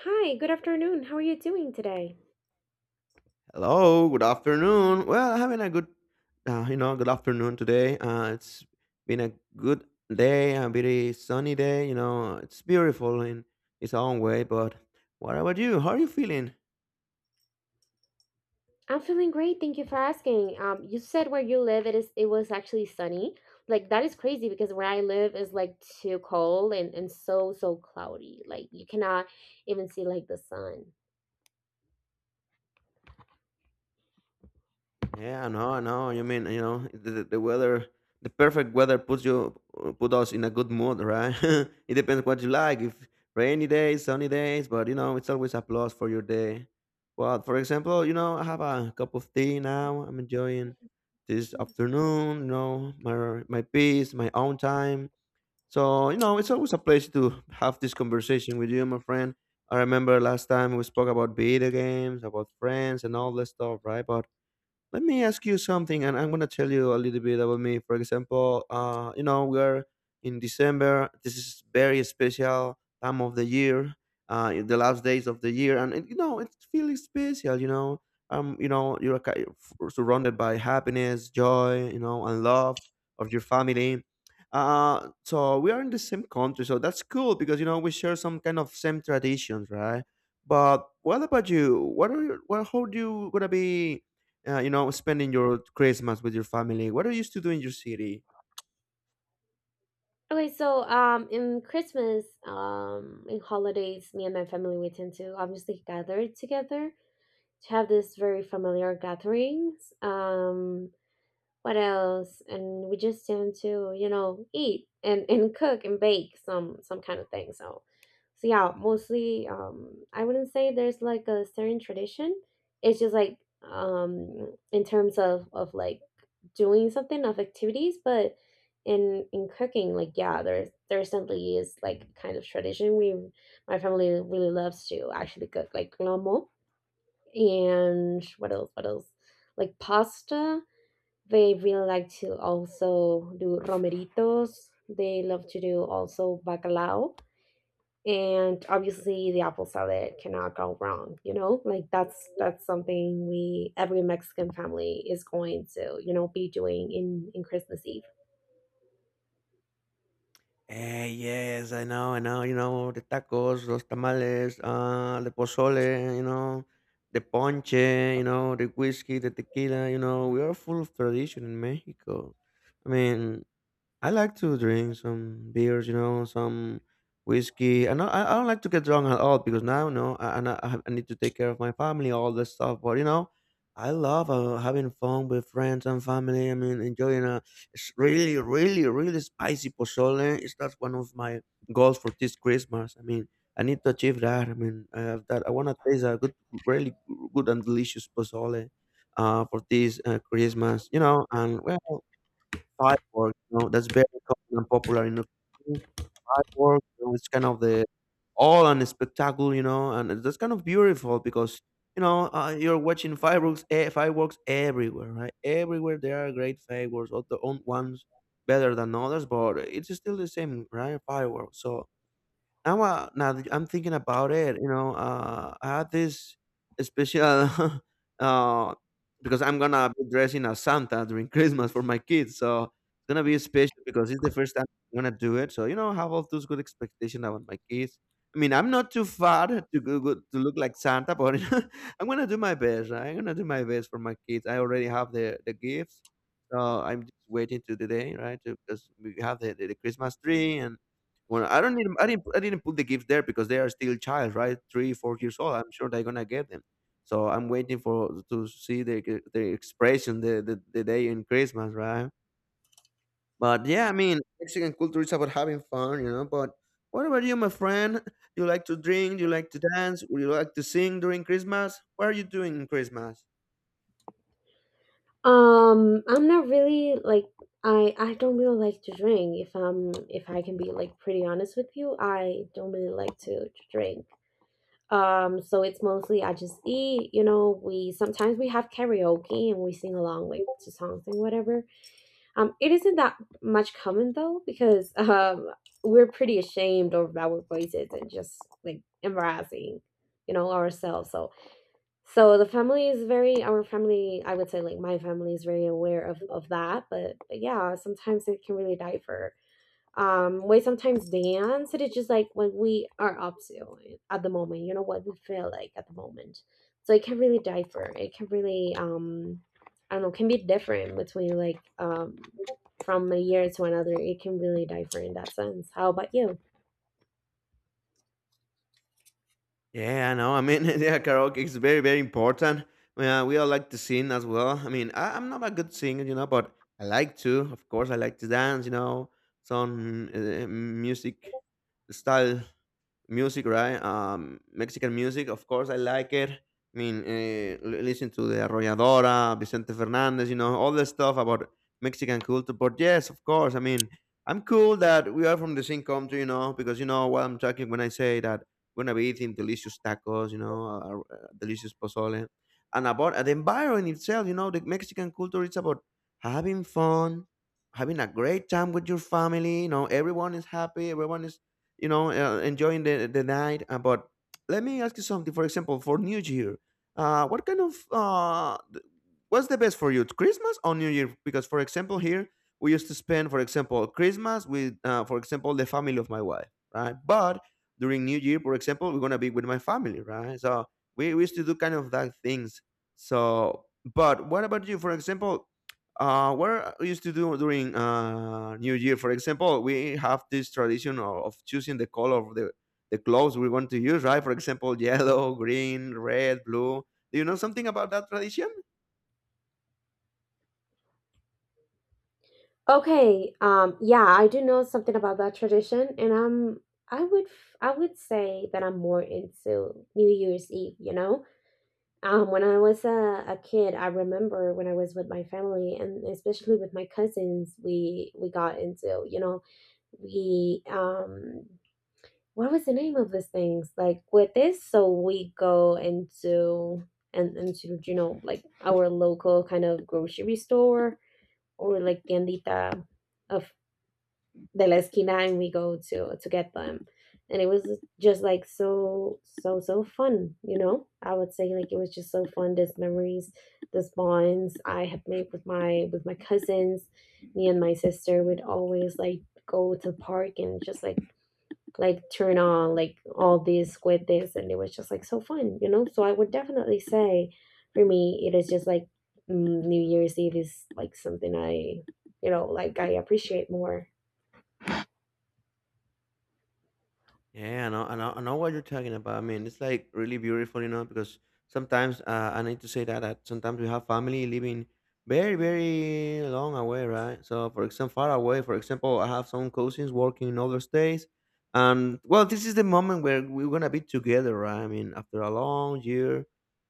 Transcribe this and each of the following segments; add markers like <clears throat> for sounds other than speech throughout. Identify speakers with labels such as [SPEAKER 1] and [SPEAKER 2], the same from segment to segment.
[SPEAKER 1] Hi, good afternoon. How are you doing today?
[SPEAKER 2] Hello, good afternoon. Well, having a good, good afternoon today. It's been a good day, a very sunny day. You know, it's beautiful in its own way. But what about you? How are you feeling?
[SPEAKER 1] I'm feeling great. Thank you for asking. You said where you live, it was actually sunny. Like that is crazy because where I live is like too cold and so cloudy. Like you cannot even see like the sun.
[SPEAKER 2] Yeah, no, no. You mean, you know, the weather, the perfect weather puts put us in a good mood, right? <laughs> It depends what you like. If rainy days, sunny days, but you know, it's always a plus for your day. But for example, you know, I have a cup of tea now. I'm enjoying this
[SPEAKER 1] Mm.
[SPEAKER 2] afternoon. You know, my peace, my own time. So you know, it's always a pleasure to have this conversation with you, my friend. I remember last time we spoke about video games, about friends, and all this stuff, right? But let me ask you something, and I'm going to tell you a little bit about me. For example, we're in December. This is very special time of the year, in the last days of the year, and it's feeling special. You're surrounded by happiness, joy, you know, and love of your family. So we are in the same country, so that's cool, because you know we share some kind of same traditions, right? But what about you? What how do you gonna be spending your Christmas with your family? What are you used to do in your city?
[SPEAKER 1] Okay, so in Christmas, in holidays, me and my family we tend to obviously gather together to have this very familiar gatherings. What else? And we just tend to eat and cook and bake some kind of thing. So yeah, mostly I wouldn't say there's like a certain tradition. It's just like in terms of like doing something of activities, but in cooking, like yeah, there certainly is like kind of tradition. We My family really loves to actually cook like lomo and what else? What else? Like pasta, they will like to also do romeritos. They love to do also bacalao. And obviously the apple salad cannot go wrong, you know? Like that's something we every Mexican family is going to be doing in Christmas Eve.
[SPEAKER 2] Eh, yes, I know, I know. You know, the tacos, los tamales, the pozole, you know, the ponche, you know, the whiskey, the tequila. You know, we are full of tradition in Mexico. I mean, I like to drink some beers, you know, some whiskey. And I don't like to get drunk at all, because now, no, I have- I need to take care of my family, all this stuff. But you know, I love having fun with friends and family. I mean, enjoying a really, really, really spicy pozole. It's that's one of my goals for this Christmas. I mean, I need to achieve that. I mean, I have that. I want to taste a good, really good and delicious pozole for this Christmas, you know. And well, fireworks, you know, that's very common and popular in Ukraine. Fireworks, you know, it's kind of the all and spectacle, you know, and that's kind of beautiful because you're watching fireworks, eh, fireworks everywhere, right? Everywhere there are great fireworks, all the own ones better than others, but it's still the same, right? Fireworks. So now, now that I'm thinking about it, you know, I had this special, <laughs> uh, because I'm gonna be dressing as Santa during <laughs> Christmas for my kids, so it's gonna be special because it's the first time I'm gonna do it. So you know, have all those good expectations about my kids. I mean, I'm not too far <laughs> to go to look like Santa, but <laughs> I'm gonna do my best, right? I'm gonna do my best for my kids. I already have the gifts, so I'm just waiting to the day, right? To, because we have the Christmas tree. And well, I don't need. I didn't put the gifts there because they are still child, right? 3, 4 years old. I'm sure they're gonna get them. So I'm waiting for to see the expression the day in Christmas, right? But yeah, I mean, Mexican culture is about having fun, you know, but what about you, my friend? You like to drink, you like to dance, would you like to sing during Christmas? What are you doing in Christmas?
[SPEAKER 1] I'm not really like, I don't really like to drink. If I can be like pretty honest with you, I don't really like to drink. So it's mostly I just eat. You know, we sometimes we have karaoke and we sing along like to songs and whatever. It isn't that much common though, because <laughs> we're pretty ashamed of our voices and just like embarrassing ourselves. So the family is very, our family I would say like my family is very aware of that, but yeah, sometimes it can really differ. Um, we sometimes dance. It is just like what we are up to at the moment, you know what we feel like at the moment. So it can really differ. It can really, I don't know, can be different between like, from a year to another it can really differ in that sense. How about you?
[SPEAKER 2] Yeah, I know. I mean, <laughs> yeah, karaoke is very, very important. Yeah, we all like to sing as well. I mean, I'm not a good singer, you know, but I like to. Of course, I like to dance, you know, some style music, right? Mexican music, of course, I like it. I mean, listen to the Arrolladora, Vicente Fernandez, you know, all the stuff about Mexican culture. But yes, of course, I mean, I'm cool that we are from the same country, you know, because you know what I'm talking when I say that we're gonna be eating delicious tacos, you know, delicious pozole, and about the environment itself. You know, the Mexican culture it's about having fun, having a great time with your family. You know, everyone is happy, everyone is you know, enjoying the night. But let me ask you something. For example, for New Year, uh, what kind of uh, th- what's the best for you, Christmas or New Year? Because for example, here we used to spend, for example, Christmas with, for example, the family of my wife, right? But during New Year, for example, we're gonna be with my family, right? So we used to do kind of that things. So, but what about you? For example, what I used to do during New Year. For example, we have this tradition of choosing the color of the clothes we want to use, right? For example, <laughs> yellow, green, red, blue. Do you know something about that tradition?
[SPEAKER 1] Okay, yeah, I do know something about that tradition, and I would say that I'm more into New Year's Eve, you know? When I was a kid, I remember when I was with my family and especially with my cousins, we got into, you know, we what was the name of these things? Like with this, so we go into and into, like our local kind of grocery store or like tiendita of de la esquina, and we go to get them, and it was just like so so so fun, you know. I would say like it was just so fun, these memories, these bonds I have made with my cousins. Me and my sister would always like go to the park and just like turn on like all this with this, and it was just like so fun, you know. So I would definitely say, for me, it is just like, New Year's Eve is like something I you know like I appreciate more.
[SPEAKER 2] Yeah, I know, I know, I know what you're talking about. I mean, it's like really beautiful, you know, because sometimes I need to say that, that sometimes we have family living very, very long away, right? So, for example, far away, for example, I have some cousins working in other states. And well, this is the moment where we're going to be together, right? I mean, after a long year,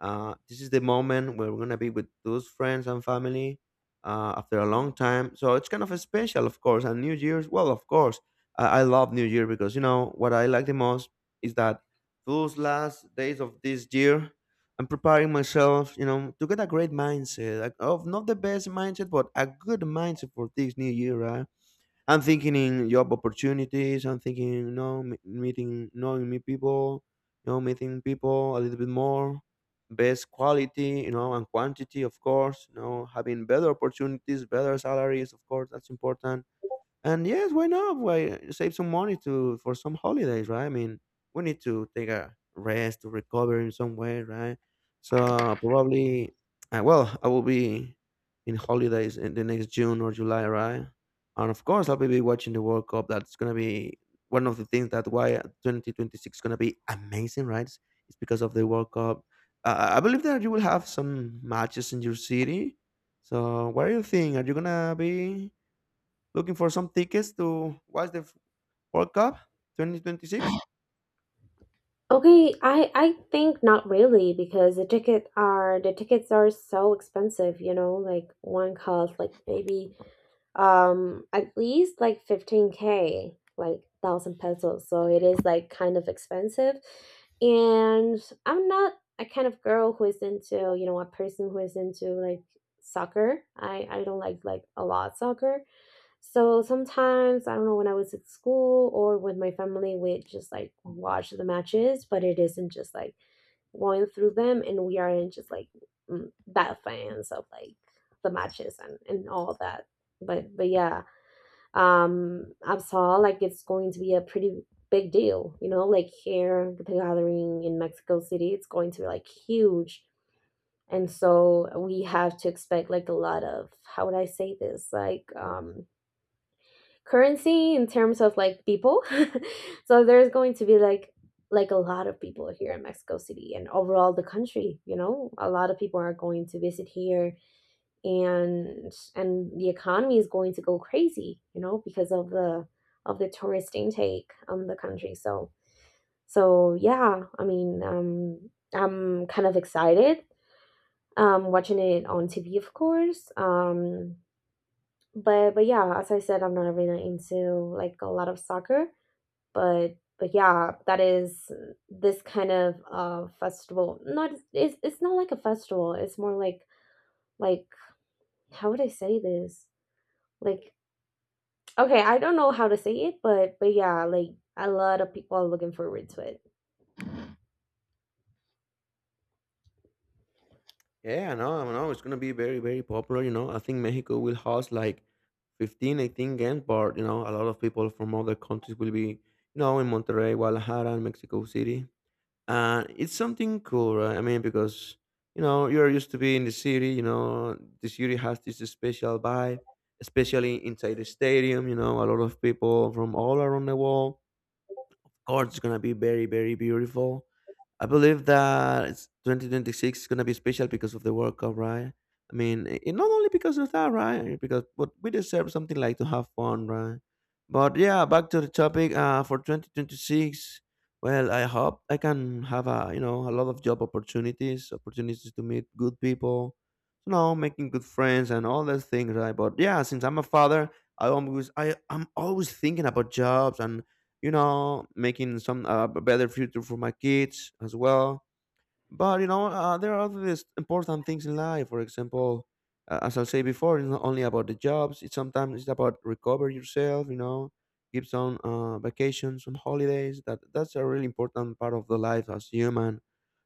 [SPEAKER 2] this is the moment where we're going to be with those friends and family after a long time. So, it's kind of special, of course. And New Year's, well, of course I love New Year because you know what I like the most is that those last days of this year, I'm preparing myself, you know, to get a great mindset, like of not the best mindset, but a good mindset for this new year, right? I'm thinking in job opportunities. I'm thinking, you know, meeting, knowing new people, you know, meeting people a little bit more, best quality, you know, and quantity, of course. You know, having better opportunities, better salaries, of course, that's important. And yes, why not? Why save some money to for some holidays, right? I mean, we need to take a rest to recover in some way, right? So probably, well, I will be in holidays in the next June or July, right? And of course, I'll be watching the World Cup. That's gonna be one of the things that why 2026 is gonna be amazing, right? It's because of the World Cup. I believe that you will have some matches in your city. So what do you think? Are you gonna be looking for some tickets to watch the World Cup 2026?
[SPEAKER 1] Okay, I think not really, because the tickets are so expensive, you know? Like one cost like maybe, um, at least like 15K, like thousand pesos, so it is like kind of expensive. And I'm not a kind of girl who is into, you know, a person who is into like soccer. I don't like a lot soccer. So sometimes, I don't know, when I was at school or with my family, we just like watch the matches, but it isn't just like going through them, and we aren't just like, that, fans of like the matches and all that. But yeah, I saw like it's going to be a pretty big deal, you know? Like here, the gathering in Mexico City, it's going to be like huge, and so we have to expect like a lot of, how would I say this, like, currency in terms of like people. <laughs> So there's going to be like a lot of people here in Mexico City and overall the country. You know, a lot of people are going to visit here, and the economy is going to go crazy, you know, because of the tourist intake on the country. So so yeah, I mean, I'm kind of excited, watching it on TV, of course. But yeah, as I said, I'm not really into like a lot of soccer. But yeah, that is this kind of, festival, not, it's not like a festival, it's more like, how would I say this, like, Okay, I don't know how to say it, but, yeah, like a lot of people are looking forward to it.
[SPEAKER 2] Yeah, I know, I know. It's going to be very, very popular. You know, I think Mexico will host like 15, 18 games, but, you know, a lot of people from other countries will be, you know, in Monterrey, Guadalajara, and Mexico City. And it's something cool, right? I mean, because, you know, you're used to be in the city, you know, the city has this special vibe, especially inside the stadium, you know, a lot of people from all around the world. Course, it's gonna be very, very beautiful. I believe that it's 2026 is gonna be special because of the World Cup, right? I mean, not only because of that, right? Because but we deserve something like to have fun, right? But yeah, back to the topic. For 2026, well, I hope I can have a you know a lot of job opportunities, opportunities to meet good people, you know, making good friends and all those things, right? But yeah, since I'm a father, I'm always thinking about jobs and you know, making some a better future for my kids as well. But you know, there are other important things in life. For example, as I say before, it's not only about the jobs. It's sometimes it's about recover yourself. You know, give some vacations, some holidays. That's a really important part of the life as human.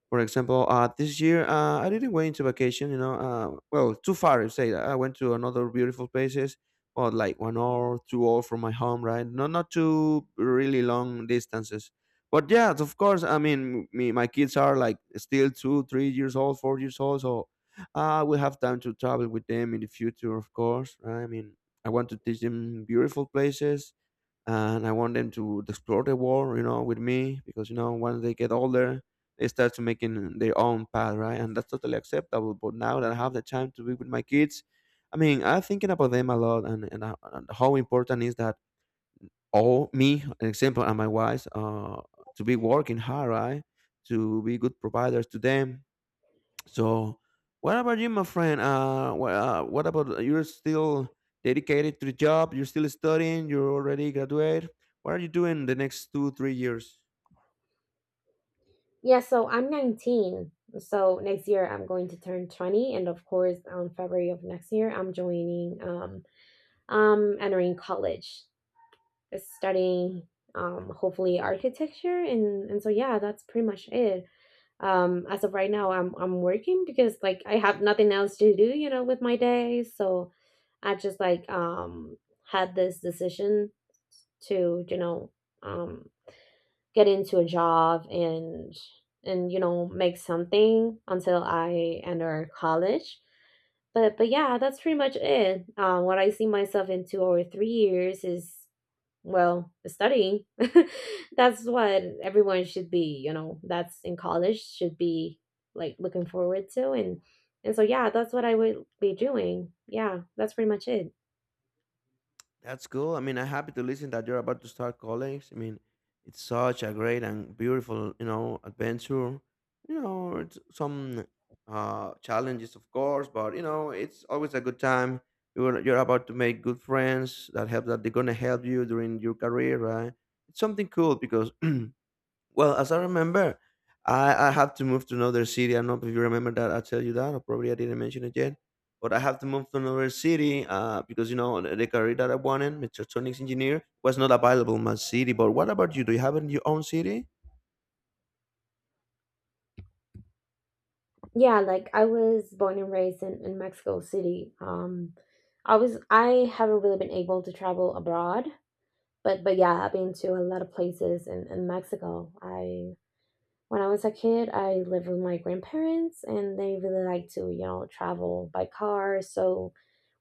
[SPEAKER 2] For example, this year I didn't went into vacation. You know, well, too far. If say that I went to another beautiful places, but like 1 hour, 2 hour from my home, right? Not too really long distances. But yeah, of course. I mean, me, my kids are like still two, 3 years old, 4 years old. So I will have time to travel with them in the future, of course, right? I mean, I want to teach them beautiful places and I want them to explore the world, you know, with me because you know once they get older, they start to making their own path, right? And that's totally acceptable. But now that I have the time to be with my kids, I mean, I'm thinking about them a lot and how important is that all me, an example, and my wife, to be working hard, right? To be good providers to them, so, what about you, my friend? What about you're still dedicated to the job? You're still studying. You're already graduate. What are you doing the next two, 3 years?
[SPEAKER 1] Yeah, so I'm 19. So next year I'm going to turn 20, and of course, on February of next year, I'm joining, entering college, studying, hopefully architecture, and so yeah, that's pretty much it. As of right now, I'm working because like I have nothing else to do, you know, with my day. So I just like, had this decision to, you know, um get into a job and you know, make something until I enter college. But yeah, that's pretty much it. What I see myself in 2 or 3 years is, well, studying. <laughs> That's what everyone should be. You know, that's, in college should be like looking forward to, and so yeah, that's what I would be doing. Yeah, that's pretty much it.
[SPEAKER 2] That's cool. I mean, I'm happy to listen that you're about to start college. I mean, it's such a great and beautiful, you know, adventure. You know, it's some challenges, of course, but you know, it's always a good time. You're about to make good friends that help that they're gonna help you during your career, right? It's something cool because <clears throat> well, as I remember, I have to move to another city. I don't know if you remember that. I tell you that, or probably I didn't mention it yet. But I have to move to another city because you know the career that I wanted, mechatronics engineer, was not available in my city. But what about you? Do you have it in your own city?
[SPEAKER 1] Yeah, like I was born and raised in, Mexico City. I haven't really been able to travel abroad, but yeah, I've been to a lot of places in, Mexico. I, when I was a kid, I lived with my grandparents, and they really like to, you know, travel by car. So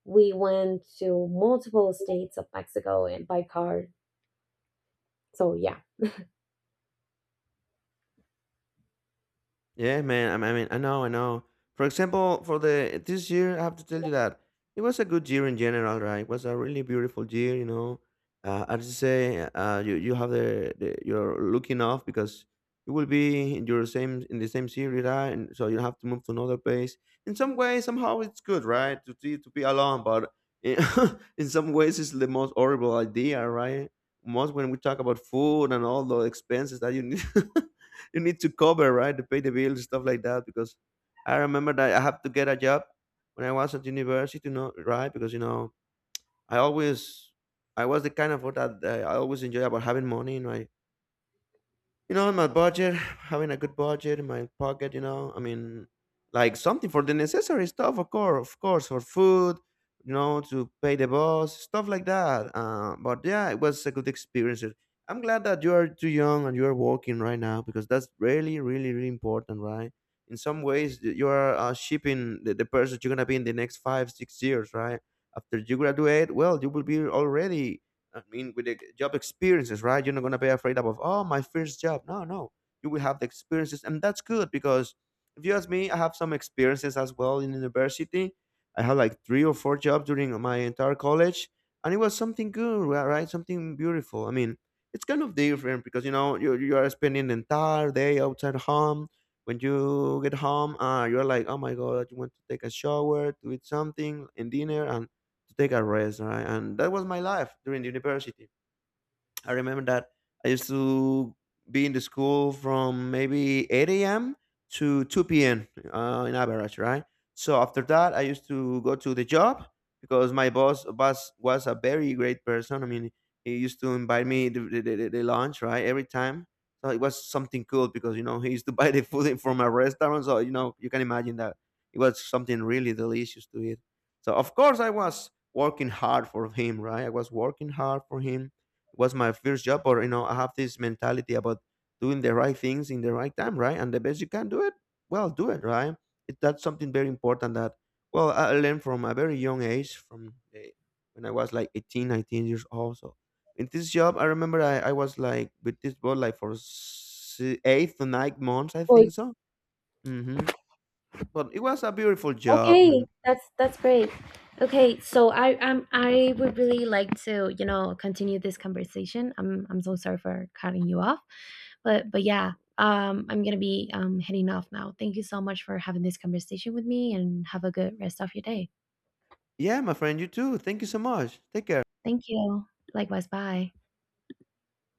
[SPEAKER 1] we went to multiple states of Mexico, and by car. So yeah,
[SPEAKER 2] Yeah, man. I mean, I know, I know. For example, for the this year, I have to tell you that it was a good year in general, right? It was a really beautiful year, you know. As you say, you have the you're looking off because you will be in your same in the same city, right? And so you have to move to another place. In some way, somehow, it's good, right? To be alone, but in, <laughs> in some ways, it's the most horrible idea, right? Most when we talk about food and all the expenses that you need. <laughs> You need to cover, right, to pay the bills, stuff like that, because I remember that I have to get a job when I was at university, you know, right? Because you know I always I was the kind of what that I always enjoy about having money, you know, I, you know, my budget, having a good budget in my pocket, you know, I mean, like something for the necessary stuff, of course, for food, you know, to pay the boss, stuff like that. But yeah, it was a good experience. I'm glad that you are too young and you are working right now because that's really, really, really important, right? In some ways, you are shaping the person you're gonna be in the next five, 6 years, right? After you graduate, well, you will be already, I mean, with the job experiences, right? You're not gonna be afraid about, oh, my first job. No, no, you will have the experiences, and that's good because if you ask me, I have some experiences as well in university. I had like three or four jobs during my entire college, and it was something good, right? Something beautiful. I mean, it's kind of different because you know you are spending the entire day outside home. When you get home, you're like, oh my god, you want to take a shower, to eat something, and dinner, and to take a rest, right? And that was my life during the university. I remember that I used to be in the school from maybe 8 a.m. to 2 p.m. In average, right? So after that, I used to go to the job because my boss was a very great person. I mean, he used to invite me the, the the lunch, right? Every time. So it was something cool because, you know, he used to <laughs> buy the food from a restaurant. So, you know, you can imagine that it was something really delicious to eat. So, of course, I was working hard for him, right? I was working hard for him, was my first job. Or you know I have this mentality about doing the right things in the right time, right? And the best you can do it, well, do it right. It, that's something very important that, well, I learned from a very young age, from the, when I was like 18, 19 years old. So in this job I remember I was like with this boss like for 8 to 9 months, I
[SPEAKER 1] boy.
[SPEAKER 2] think. So hmm, but it was a beautiful job.
[SPEAKER 1] Okay,
[SPEAKER 2] And
[SPEAKER 1] that's great. Okay, so I, I would really like to, you know, continue this conversation. I'm so sorry for cutting you off, but yeah, I'm gonna be, heading off now. Thank you so much for having this conversation with me, and have a good rest of your day.
[SPEAKER 2] yeah, my friend, you too. Thank you so much, take care.
[SPEAKER 1] Thank you. Likewise. Bye.